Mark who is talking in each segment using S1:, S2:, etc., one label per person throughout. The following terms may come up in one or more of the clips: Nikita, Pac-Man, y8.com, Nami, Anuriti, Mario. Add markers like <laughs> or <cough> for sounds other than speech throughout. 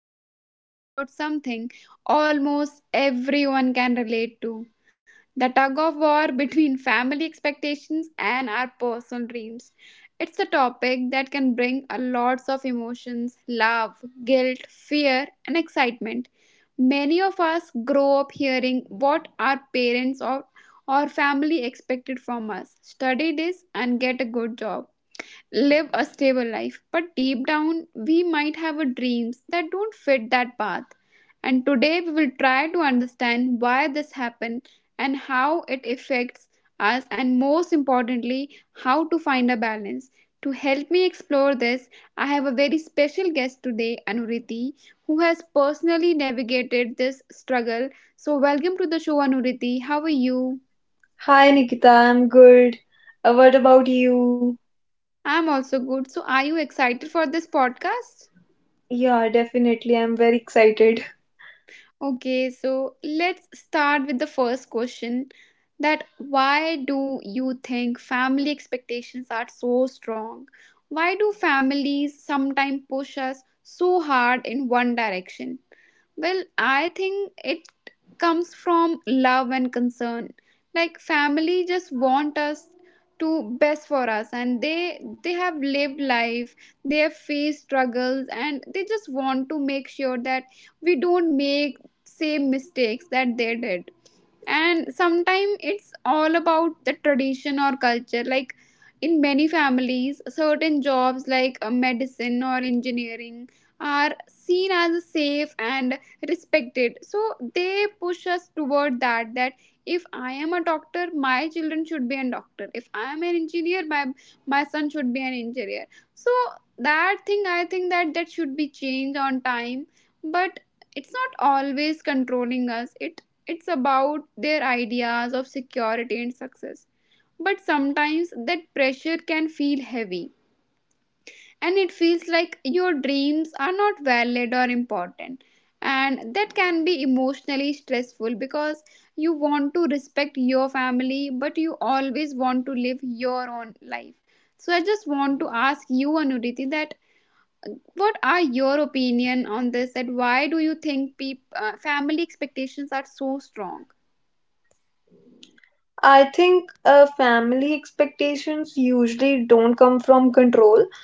S1: we were talking about something almost everyone can relate to. The tug of war <laughs> between family expectations and our personal dreams. It's a topic that can bring a lots of emotions, love, guilt, fear and excitement. Many of us grow up hearing what our parents or family expected from us. Study this and get a good job live a stable life. But deep down, we might have a dreams that don't fit that path. And today we will try to understand why this happened and how it affects us, and most importantly how to find a balance. To help me explore this, I have a very special guest today, Anuriti, who has personally navigated this struggle. So welcome to the show, Anuriti. How are you?
S2: Hi Nikita, I'm good. What about you?
S1: I'm also good. So are you excited for this podcast?
S2: Yeah, definitely. I'm very excited.
S1: Okay, so let's start with the first question, that why do you think family expectations are so strong? Why do families sometimes push us so hard in one direction? Well, I think it comes from love and concern. Like family just want us to best for us, and they have lived life, they have faced struggles, and they just want to make sure that we don't make same mistakes that they did. And sometimes it's all about the tradition or culture. Like in many families certain jobs like medicine or engineering are seen as safe and respected, so they push us toward that. If I am a doctor my children should be a doctor, if I am an engineer my son should be an engineer. So that thing I think that should be changed on time. But it's not always controlling us, it's about their ideas of security and success. But sometimes that pressure can feel heavy, and it feels like your dreams are not valid or important. And that can be emotionally stressful because you want to respect your family, but you always want to live your own life. So I just want to ask you, Anuriti, that what are your opinion on this? That why do you think family expectations are so strong?
S2: I think family expectations usually don't come from control.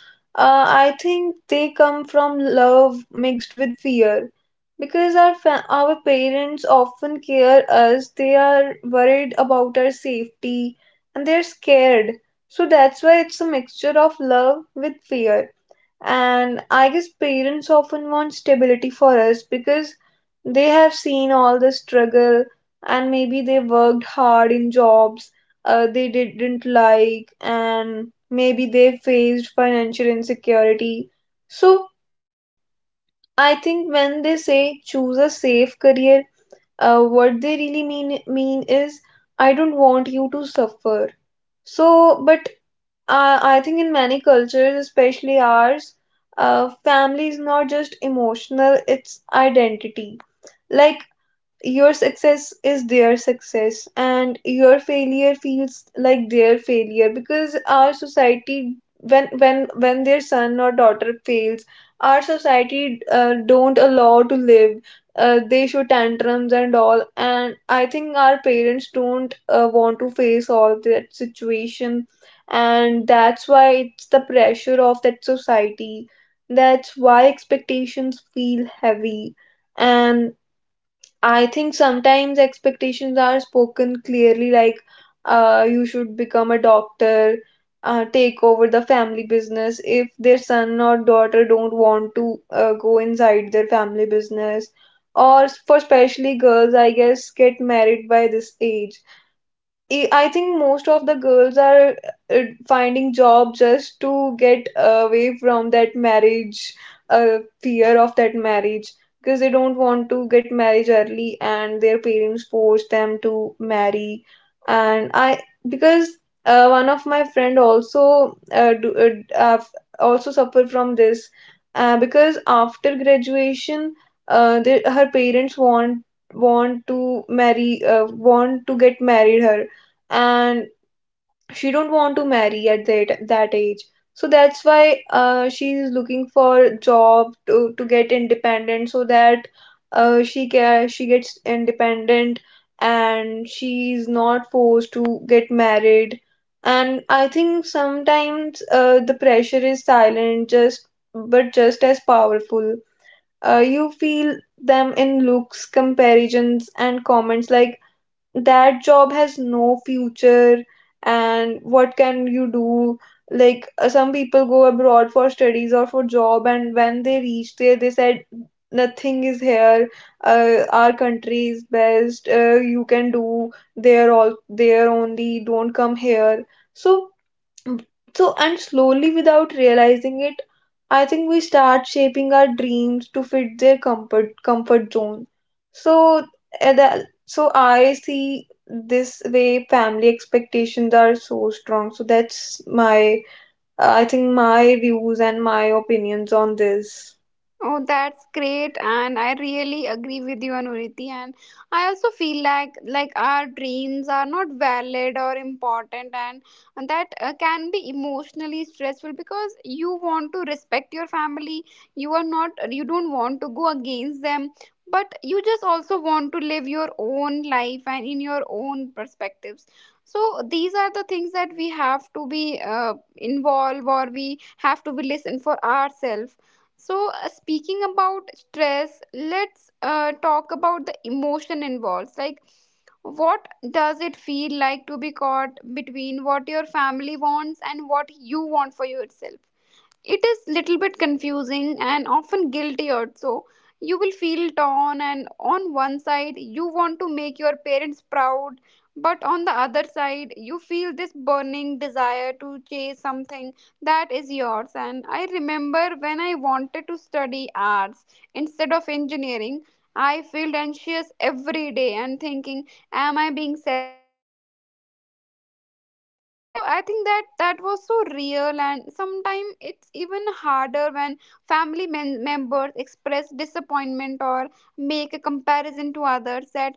S2: I think they come from love mixed with fear. Because our parents often care us, they are worried about our safety, and they're scared. So that's why it's a mixture of love with fear. And I guess parents often want stability for us because they have seen all the struggle, and maybe they worked hard in jobs they didn't like, and maybe they faced financial insecurity. So I think when they say choose a safe career, what they really mean is I don't want you to suffer. So, but I think in many cultures, especially ours, family is not just emotional, it's identity. Like your success is their success, and your failure feels like their failure. Because our society, when their son or daughter fails, our society don't allow to live, they show tantrums and all. And I think our parents don't want to face all that situation, and that's why it's the pressure of that society, that's why expectations feel heavy. And I think sometimes expectations are spoken clearly, like you should become a doctor, take over the family business. If their son or daughter don't want to go inside their family business, or for especially girls, I guess, get married by this age. I think most of the girls are finding job just to get away from that marriage, fear of that marriage, because they don't want to get married early, and their parents force them to marry. And because one of my friend also also suffered from this, because after graduation, her parents want to marry, want to get married her, and she don't want to marry at that age. So that's why she is looking for job to get independent, so that she gets independent and she is not forced to get married. And I think sometimes the pressure is silent, just but just as powerful. You feel them in looks, comparisons and comments, like that job has no future and what can you do. Like some people go abroad for studies or for job, and when they reach there they said nothing is here, our country is best, you can do there, all there only, don't come here. So so, and slowly without realizing it, I think we start shaping our dreams to fit their comfort zone. So, so I see this way family expectations are so strong. So that's my, I think my views and my opinions on this.
S1: Oh, that's great, and I really agree with you, Anuriti. And I also feel like our dreams are not valid or important, and that can be emotionally stressful because you want to respect your family. You are not you don't want to go against them, but you just also want to live your own life and in your own perspectives. So these are the things that we have to be involved, or we have to be listen for ourselves. So, speaking about stress, let's talk about the emotion involved. Like, what does it feel like to be caught between what your family wants and what you want for yourself? It is little bit confusing and often guilty also. You will feel torn, and on one side you want to make your parents proud, but on the other side you feel this burning desire to chase something that is yours. And I remember when I wanted to study arts instead of engineering, I felt anxious every day and thinking, am I being selfish, am I disappointing them? So I think that was so real. And sometimes it's even harder when members express disappointment or make a comparison to others, that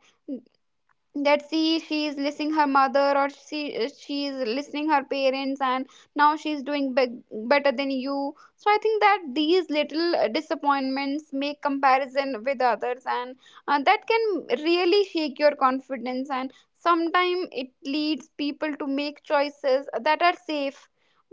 S1: that see she is listening her mother, or she is listening her parents, and now she's doing better than you. So I think that these little disappointments make comparison with others, and that can really shake your confidence. And sometimes it leads people to make choices that are safe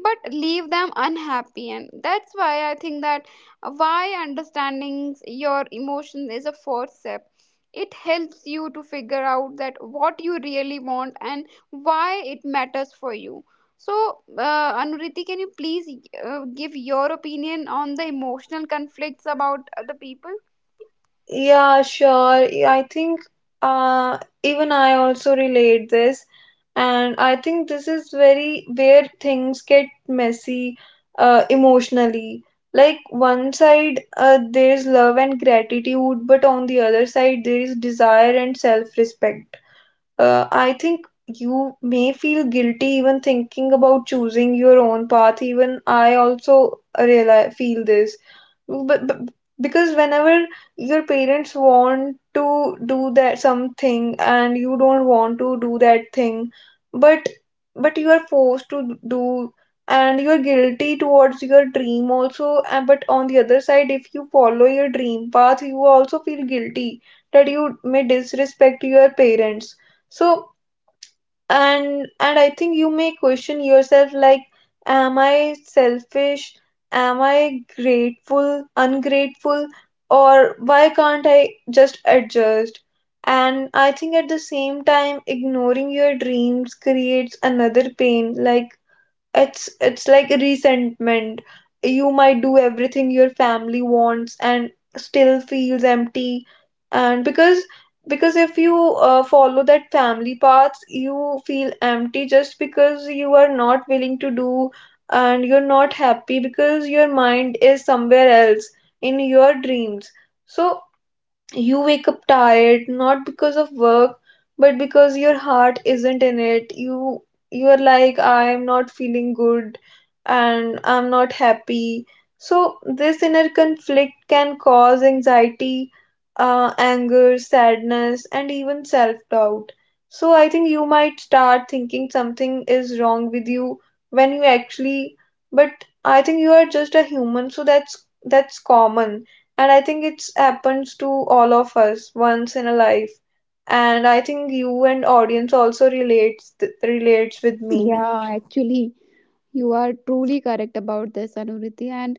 S1: but leave them unhappy. And that's why I think that, why understanding your emotion is a first step. It helps you to figure out that what you really want and why it matters for you. So Anuriti, can you please give your opinion on the emotional conflicts about other people?
S2: Yeah, sure. Yeah, I think uh, even I also relate this, and I think this is very where things get messy emotionally. Like one side there is love and gratitude, but on the other side there is desire and self-respect. I think you may feel guilty even thinking about choosing your own path. Even I also realize, feel this but because whenever your parents want to do that something and you don't want to do that thing, but but you are forced to do, and you're guilty towards your dream also. And but on the other side, if you follow your dream path, you also feel guilty that you may disrespect your parents. So and I think you may question yourself, like am I selfish, am I grateful, ungrateful, or why can't I just adjust. And I think at the same time ignoring your dreams creates another pain, like it's like a resentment. You might do everything your family wants and still feels empty. And because if you follow that family path, you feel empty just because you are not willing to do, and you're not happy because your mind is somewhere else, in your dreams. So you wake up tired, not because of work, but because your heart isn't in it. You are like, I'm not feeling good and I'm not happy. So this inner conflict can cause anxiety, anger, sadness, and even self-doubt. So I think you might start thinking something is wrong with you when you actually, but I think you are just a human, so that's common. And I think it's happens to all of us once in a life. And I think you and audience also relates relates with me.
S1: Yeah, actually, you are truly correct about this, Anuriti. And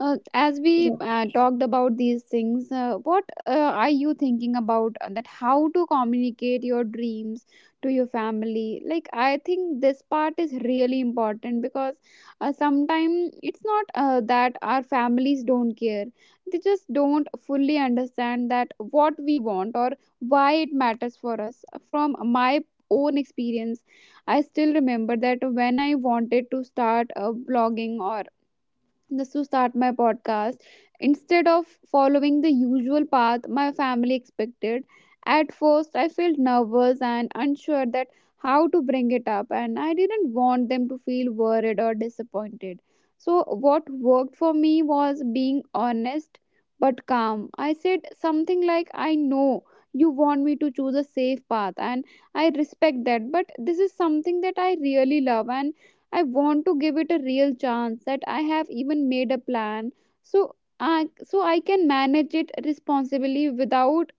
S1: as we
S2: Yeah,
S1: talked about these things, what are you thinking about that? How to communicate your dreams to your family? Like, I think this part is really important because sometimes it's not that our families don't care; they just don't fully understand that what we want or why it matters for us. From my own experience, I still remember that when I wanted to start a blogging or just to start my podcast instead of following the usual path my family expected. At first, I felt nervous and unsure that how to bring it up, and I didn't want them to feel worried or disappointed. So, what worked for me was being honest but calm. I said something like, I know you want me to choose a safe path, and I respect that, but this is something that I really love, and I want to give it a real chance. That I have even made a plan, so I can manage it responsibly without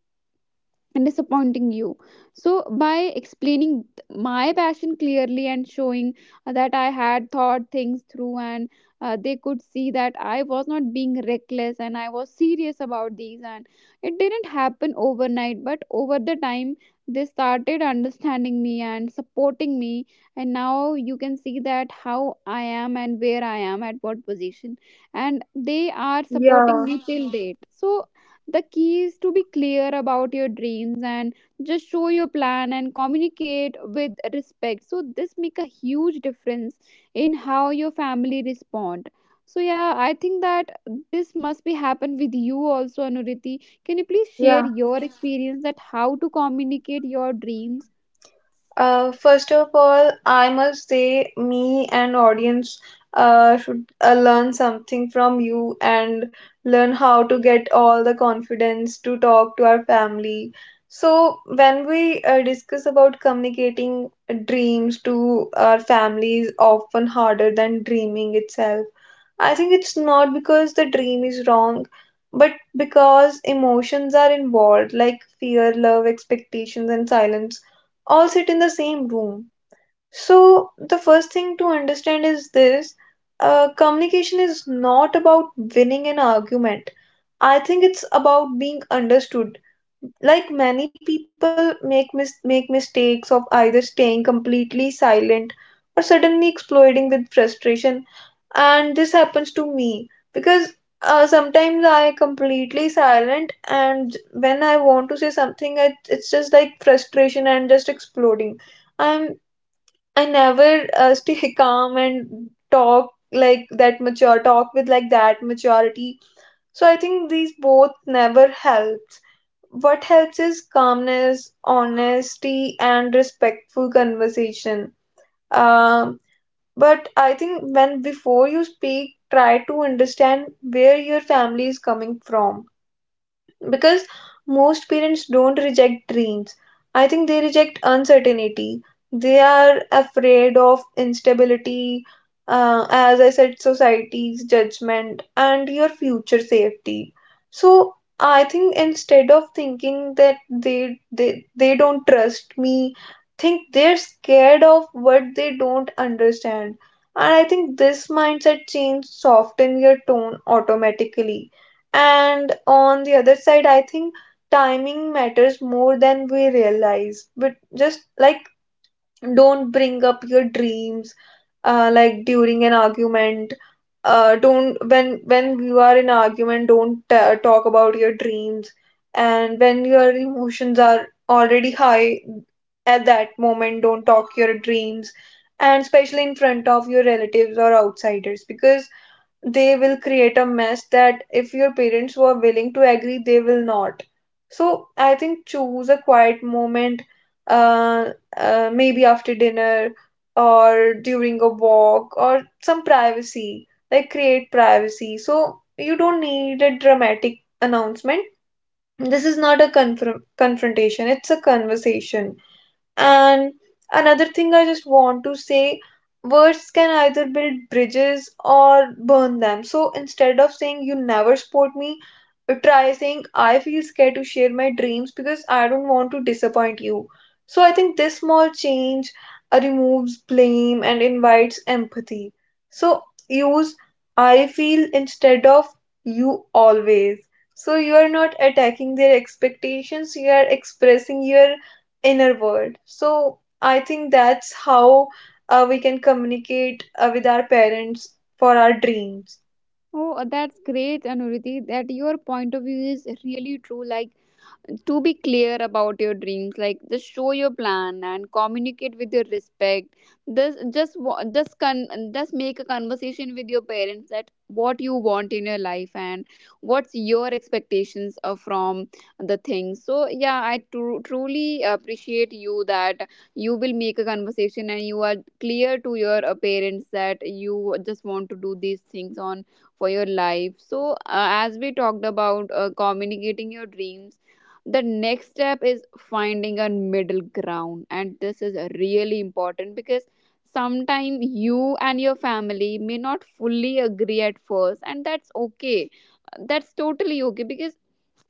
S1: and disappointing you. So, by explaining my passion clearly and showing that I had thought things through, and they could see that I was not being reckless and I was serious about these, and it didn't happen overnight, but over the time they started understanding me and supporting me. And now you can see that how I am and where I am at what position, and they are supporting
S2: yeah,
S1: me till date. So the key is to be clear about your dreams and just show your plan and communicate with respect, so this make a huge difference in how your family respond. So yeah, I think that this must be happen with you also, Anuriti. Can you please share
S2: yeah.
S1: your experience, that how to communicate your dreams?
S2: First of all, I must say, me and audience should learn something from you, and learn how to get all the confidence to talk to our family. So, when we discuss about communicating dreams to our family is often harder than dreaming itself. I think it's not because the dream is wrong, but because emotions are involved, like fear, love, expectations, and silence, all sit in the same room. So, the first thing to understand is this communication is not about winning an argument. I think it's about being understood. Like many people make make mistakes of either staying completely silent or suddenly exploding with frustration. And this happens to me, because sometimes I completely silent, and when I want to say something it's just like frustration and just exploding. I'm i never <laughs> stay calm and talk like that mature talk with like that maturity. So I think these both never helps. What helps is calmness, honesty and respectful conversation. Um, but I think when before you speak, try to understand where your family is coming from, because most parents don't reject dreams. I think they reject uncertainty. They are afraid of instability, as I said, society's judgment and your future safety. So I think instead of thinking that they don't trust me, think they're scared of what they don't understand. And I think this mindset change soften your tone automatically. And on the other side, I think timing matters more than we realize. But just like, don't bring up your dreams like during an argument. Don't, when you are in argument, don't talk about your dreams. And when your emotions are already high, at that moment, don't talk your dreams. And especially in front of your relatives or outsiders, because they will create a mess that if your parents were willing to agree, they will not. So I think choose a quiet moment, uh, maybe after dinner or during a walk or some privacy, like create privacy. So you don't need a dramatic announcement. This is not a confrontation, it's a conversation. And another thing I just want to say, words can either build bridges or burn them. So instead of saying you never support me, try saying I feel scared to share my dreams because I don't want to disappoint you. So I think this small change removes blame and invites empathy. So use I feel instead of you always. So you are not attacking their expectations, you are expressing your inner world. So I think that's how we can communicate with our parents for our dreams.
S1: Oh, that's great, Anuriti, that your point of view is really true. Like, to be clear about your dreams, like just show your plan and communicate with your respect. This just wa- just con just make a conversation with your parents, that what you want in your life and what's your expectations from the things. So yeah, I truly appreciate you, that you will make a conversation and you are clear to your parents that you just want to do these things on for your life. So as we talked about communicating your dreams, the next step is finding a middle ground, and this is really important because sometimes you and your family may not fully agree at first, and that's okay. That's totally okay. Because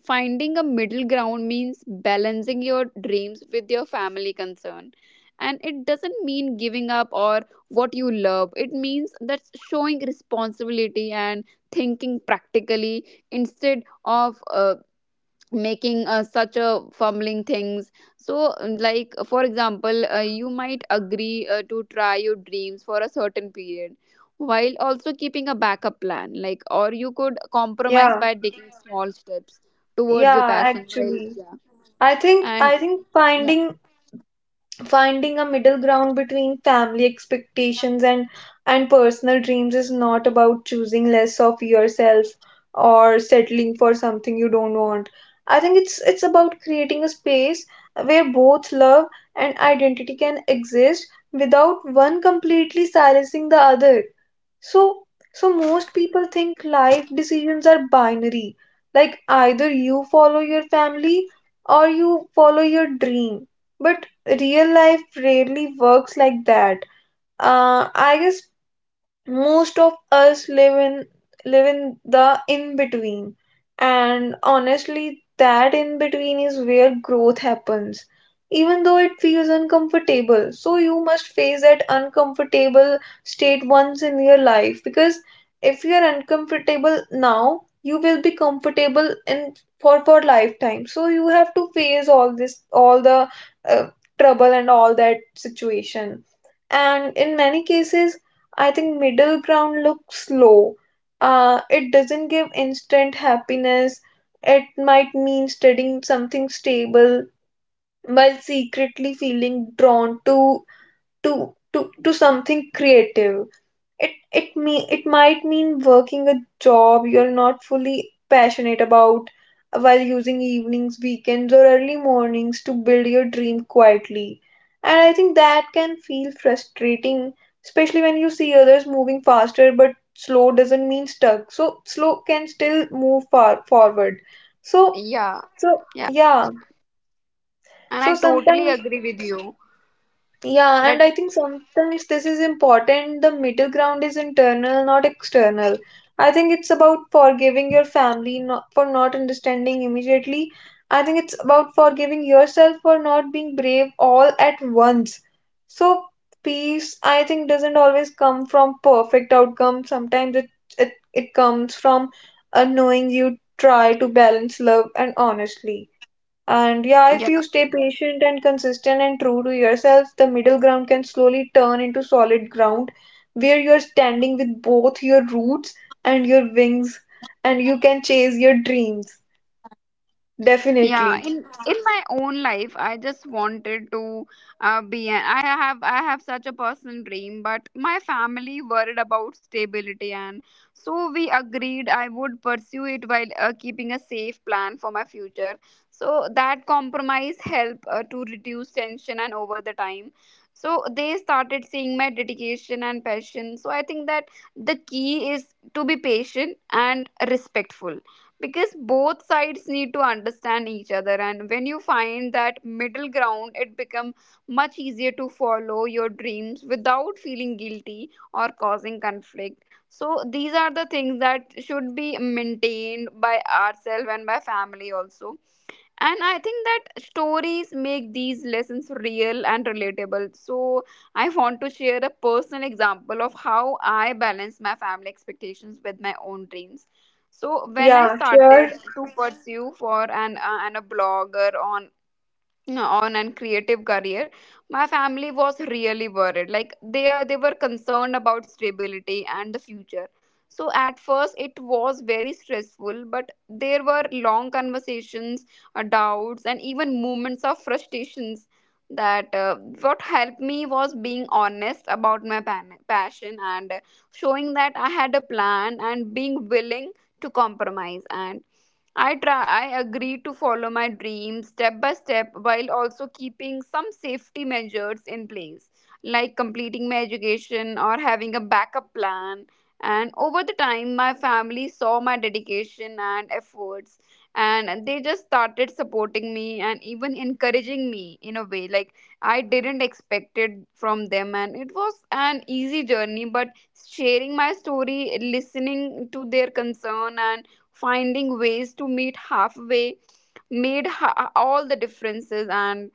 S1: finding a middle ground means balancing your dreams with your family concern, and it doesn't mean giving up or what you love. It means that's showing responsibility and thinking practically instead of making such a fumbling things. So like for example, you might agree to try your dreams for a certain period while also keeping a backup plan, like, or you could compromise
S2: Yeah,
S1: by taking small steps towards your
S2: yeah,
S1: passion while
S2: actually.
S1: yeah
S2: I think
S1: and
S2: I think
S1: yeah,
S2: finding a middle ground between family expectations and personal dreams is not about choosing less of yourself, or settling for something you don't want. I think it's about creating a space where both love and identity can exist without one completely silencing the other. So, so most people think life decisions are binary, like either you follow your family or you follow your dream. But real life rarely works like that. I guess most of us live in the in between. And honestly that in between is where growth happens, even though it feels uncomfortable. So you must face that uncomfortable state once in your life, because if you are uncomfortable now you will be comfortable in for lifetime. So you have to face all this, all the uh, trouble and all that situation. And in many cases I think middle ground looks low, it doesn't give instant happiness. It might mean studying something stable while secretly feeling drawn to something creative. It might mean working a job you're not fully passionate about while using evenings, weekends or early mornings to build your dream quietly. And I think that can feel frustrating, especially when you see others moving faster, but slow doesn't mean stuck. So slow can still move far forward. So
S1: yeah
S2: so,
S1: yeah,
S2: yeah.
S1: and
S2: So
S1: I totally
S2: sometimes.
S1: agree with you
S2: Yeah, and I
S1: that
S2: think sometimes this is important. The middle ground is internal, not external. I think it's about forgiving your family, not, for not understanding immediately. I think it's about forgiving yourself for not being brave all at once. So, peace, I think, doesn't always come from perfect outcome. It comes from knowing you try to balance love and honestly. And yeah, if
S1: yeah,
S2: you stay patient and consistent and true to yourself, the middle ground can slowly turn into solid ground where you're standing with both your roots and your wings, and you can chase your dreams.
S1: yeah.
S2: Definitely.
S1: In my own life I just wanted to I have I have such a personal dream, but my family worried about stability. And so we agreed I would pursue it while keeping a safe plan for my future. So that compromise helped to reduce tension, and over the time so they started seeing my dedication and passion. So I think that the key is to be patient and respectful, because both sides need to understand each other. And when you find that middle ground it become much easier to follow your dreams without feeling guilty or causing conflict. So these are the things that should be maintained by ourselves and by family also. And I think that stories make these lessons real and relatable. So I want to share a personal example of how I balance my family expectations with my own dreams. So when I
S2: Yeah, sure.
S1: started to pursue for an and a blogger on and creative career, my family was really worried. Like they were concerned about stability and the future. So at first it was very stressful, but there were long conversations, doubts and even moments of frustrations. That what helped me was being honest about my passion and showing that I had a plan and being willing to compromise. And I try I agree to follow my dreams step by step while also keeping some safety measures in place, like completing my education or having a backup plan. And over the time my family saw my dedication and efforts, and they just started supporting me and even encouraging me in a way, like I didn't expect it from them, and it was an easy journey. But sharing my story, listening to their concern, and finding ways to meet halfway all the differences. And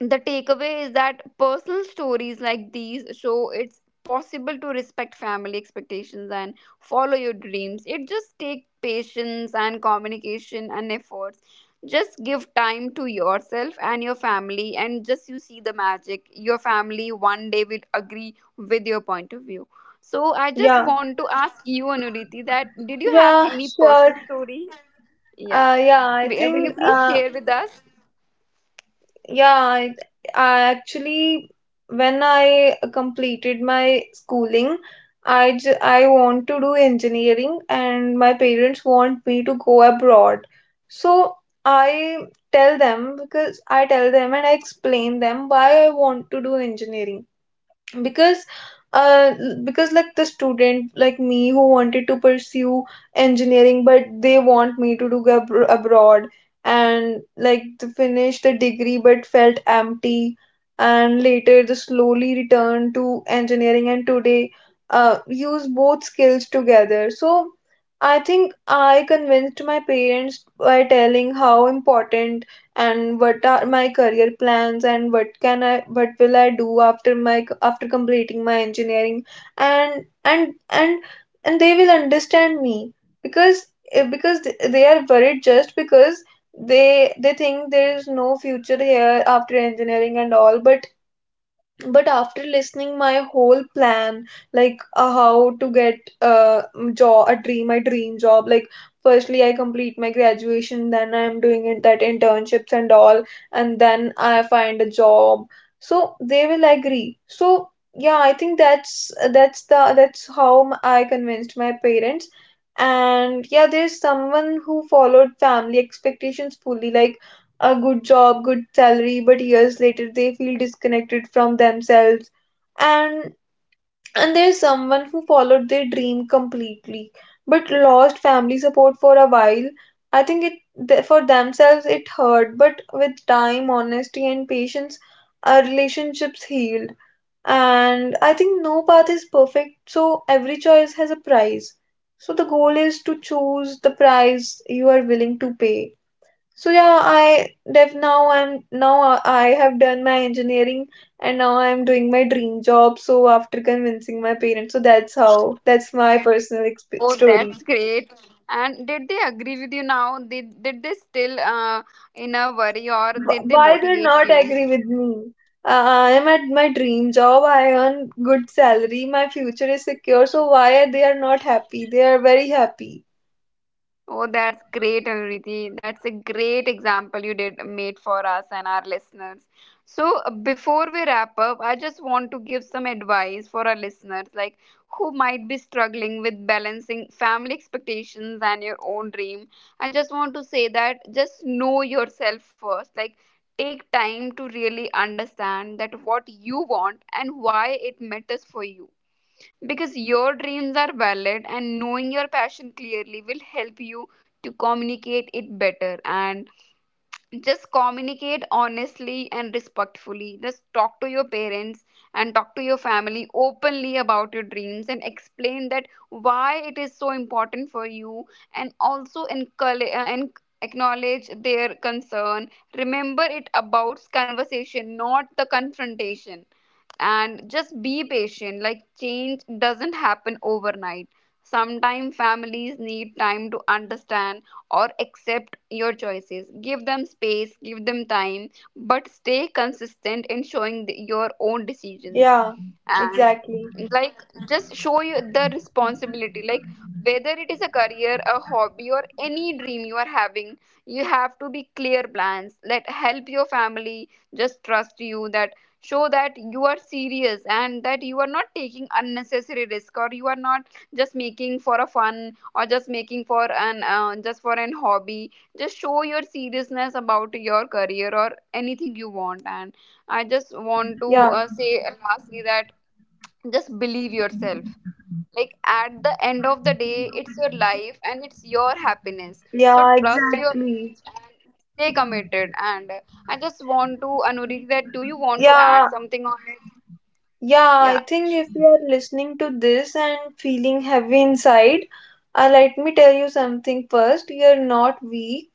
S1: the takeaway is that personal stories like these show it's possible to respect family expectations and follow your dreams. It just takes patience and communication and efforts. Just give time to yourself and your family, and just you see the magic. Your family one day will agree with your point of view. So I just
S2: Yeah.
S1: want to ask you, Anuriti, that did you have
S2: Yeah,
S1: any personal
S2: sure.
S1: story? Yeah.
S2: Uh, yeah, I
S1: Will
S2: think
S1: you please
S2: uh,
S1: share with us?
S2: Yeah, I, I actually, when I completed my schooling, I want to do engineering and my parents want me to go abroad. So I tell them, because I tell them and I explain them why I want to do engineering, because uh because like the student like me who wanted to pursue engineering, but they want me to do go abroad and like to finish the degree but felt empty, and later they slowly returned to engineering and today use both skills together. So I think I convinced my parents by telling how important, and what are my career plans, and what can I, what will I do after my, after completing my engineering. And and they will understand me, because because they are worried just because they think there is no future here after engineering and all. But after listening my whole plan, like how to get job, a dream, my dream job, like firstly I complete my graduation, then I am doing it, that internships and all, and then I find a job, so they will agree. So yeah, I think that's how I convinced my parents. And yeah, there's someone who followed family expectations fully, like a good job, good salary, but years later they feel disconnected from themselves. And and there's someone who followed their dream completely, but lost family support for a while. I think for themselves it hurt, but with time, honesty, and patience, our relationships healed. And I think no path is perfect, so every choice has a price. So the goal is to choose the price you are willing to pay. So yeah, I have done my engineering and now I'm doing my dream job. So after convincing my parents, so that's my personal exp
S1: Oh,
S2: story.
S1: that's great. And did they agree with you now? Did they still in a worry or did they
S2: Why they
S1: motivate
S2: not
S1: you?
S2: agree with me? I am at my dream job. I earn good salary. My future is secure. So why are they are not happy? They are very happy.
S1: Oh, that's great, Anuriti. That's a great example you did made for us and our listeners. So, before we wrap up, I just want to give some advice for our listeners, like who might be struggling with balancing family expectations and your own dream. I just want to say that just know yourself first. Like, take time to really understand that what you want and why it matters for you, because your dreams are valid, and knowing your passion clearly will help you to communicate it better. And just communicate honestly and respectfully. Just talk to your parents and talk to your family openly about your dreams and explain that why it is so important for you, and also encourage and acknowledge their concern. Remember, it about conversation, not the confrontation. And just be patient. Like change doesn't happen overnight. Sometimes families need time to understand or accept your choices. Give them space, give them time, but stay consistent in showing your own decisions.
S2: Yeah,
S1: And
S2: exactly.
S1: like, just show you the responsibility, like whether it is a career, a hobby, or any dream you are having, you have to be clear plans let help your family just trust you. That show that you are serious and that you are not taking unnecessary risk, or you are not just making for a fun, or just making for an just for an hobby. Just show your seriousness about your career or anything you want. And I just want to
S2: Yeah,
S1: say lastly that just believe yourself. Like at the end of the day, it's your life and it's your happiness, so
S2: yeah,
S1: trust
S2: exactly.
S1: yourself and stay committed. And I just want to, Anuriti, that do you want to add
S2: Yeah,
S1: something on it?
S2: Yeah, I
S1: Yeah.
S2: think if you are listening to this and feeling heavy inside, let me tell you something first. You're not weak,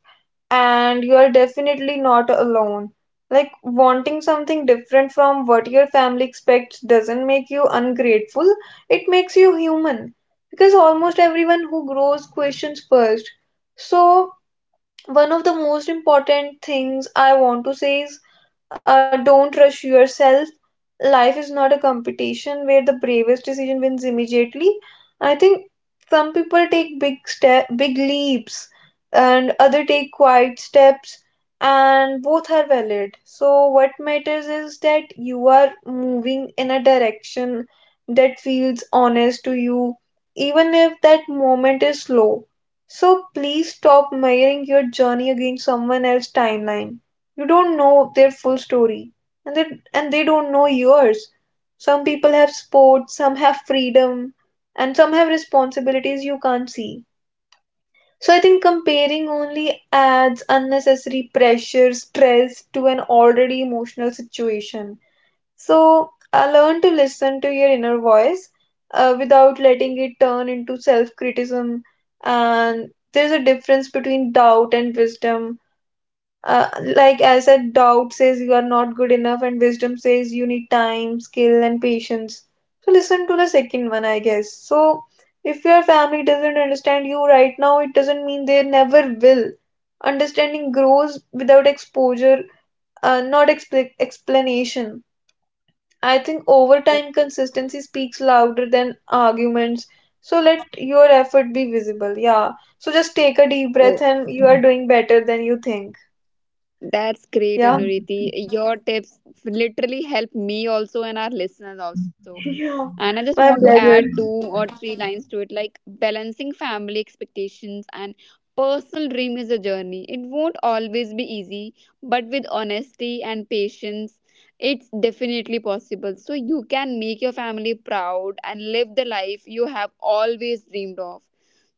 S2: and you are definitely not alone. Like, wanting something different from what your family expects doesn't make you ungrateful, it makes you human. Because almost everyone who grows questions first. So, one of the most important things I want to say is, don't rush yourself. Life is not a competition where the bravest decision wins immediately. I think some people take big step, big leaps, and other take quiet steps, and both are valid. So what matters is that you are moving in a direction that feels honest to you, even if that moment is slow. So please stop measuring your journey against someone else's timeline. You don't know their full story, and they don't know yours. Some people have sports, some have freedom, and some have responsibilities you can't see. So I think comparing only adds unnecessary pressure, stress to an already emotional situation. So I learn to listen to your inner voice without letting it turn into self criticism. And there's a difference between doubt and wisdom, uh, like I said, doubt says you are not good enough, and wisdom says you need time, skill, and patience. So listen to the second one, I guess. So if your family doesn't understand you right now, it doesn't mean they never will. Understanding grows without exposure, not expl- explanation. I think over time, consistency speaks louder than arguments. So let your effort be visible. Yeah. So just take a deep
S1: Oh,
S2: breath, and you are doing better than you think.
S1: that's
S2: Yeah.
S1: great, Anuriti. Your tips literally help me also and our listeners also.
S2: Yeah,
S1: And I just want
S2: my
S1: to add
S2: pleasure.
S1: 2 or 3 lines to it, like balancing family expectations and personal dream is a journey. It won't always be easy, but with honesty and patience, it's definitely possible. So you can make your family proud and live the life you have always dreamed of.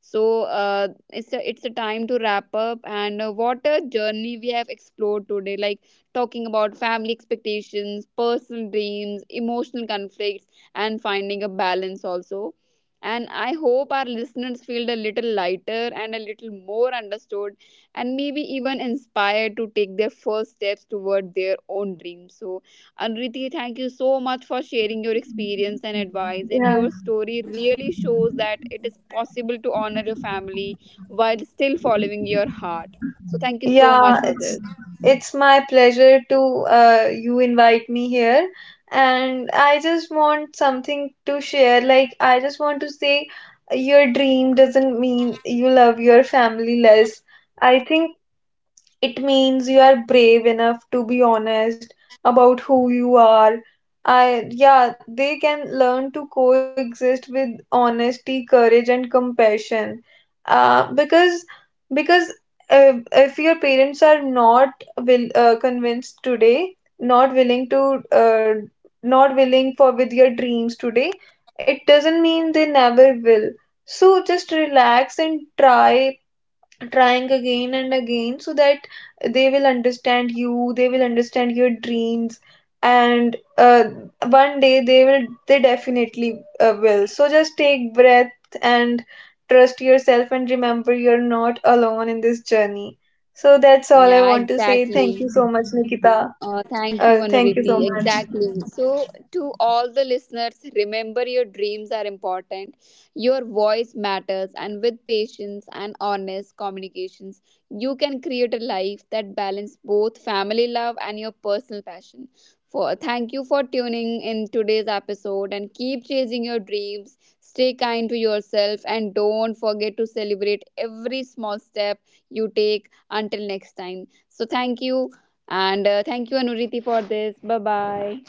S1: So it's a time to wrap up. And what a journey we have explored today, like talking about family expectations, personal dreams, emotional conflicts, and finding a balance also. And I hope our listeners feel a little lighter and a little more understood, and maybe even inspired to take their first steps toward their own dreams. So, Anriti, thank you so much for sharing your experience and advice. And
S2: Yeah,
S1: your story really shows that it is possible to honor your family while still following your heart. So, thank you so much
S2: yeah,
S1: for
S2: it's
S1: this.
S2: it's my pleasure to you invite me here, and I just want something to share. Like I just want to say, your dream doesn't mean you love your family less. I think it means you are brave enough to be honest about who you are. I yeah, they can learn to coexist with honesty, courage, and compassion. Because because if your parents are not will convinced today, not willing to not willing for with your dreams today, it doesn't mean they never will. So just relax and trying again and again, so that they will understand you, they will understand your dreams, and one day they definitely will. So just take breath and trust yourself and remember you're not alone in this journey. So that's all I
S1: Yeah,
S2: want to say. Thank
S1: exactly.
S2: you so much, Nikita.
S1: Thank you,
S2: Thank you so
S1: Anuriti.
S2: much
S1: Exactly. So, to all the listeners, remember your dreams are important, your voice matters, and with patience and honest communications, you can create a life that balances both family love and your personal passion. For thank you for tuning in today's episode and keep chasing your dreams. Stay kind to yourself and don't forget to celebrate every small step you take. Until next time. So, thank you. And thank you Anureeti for this bye bye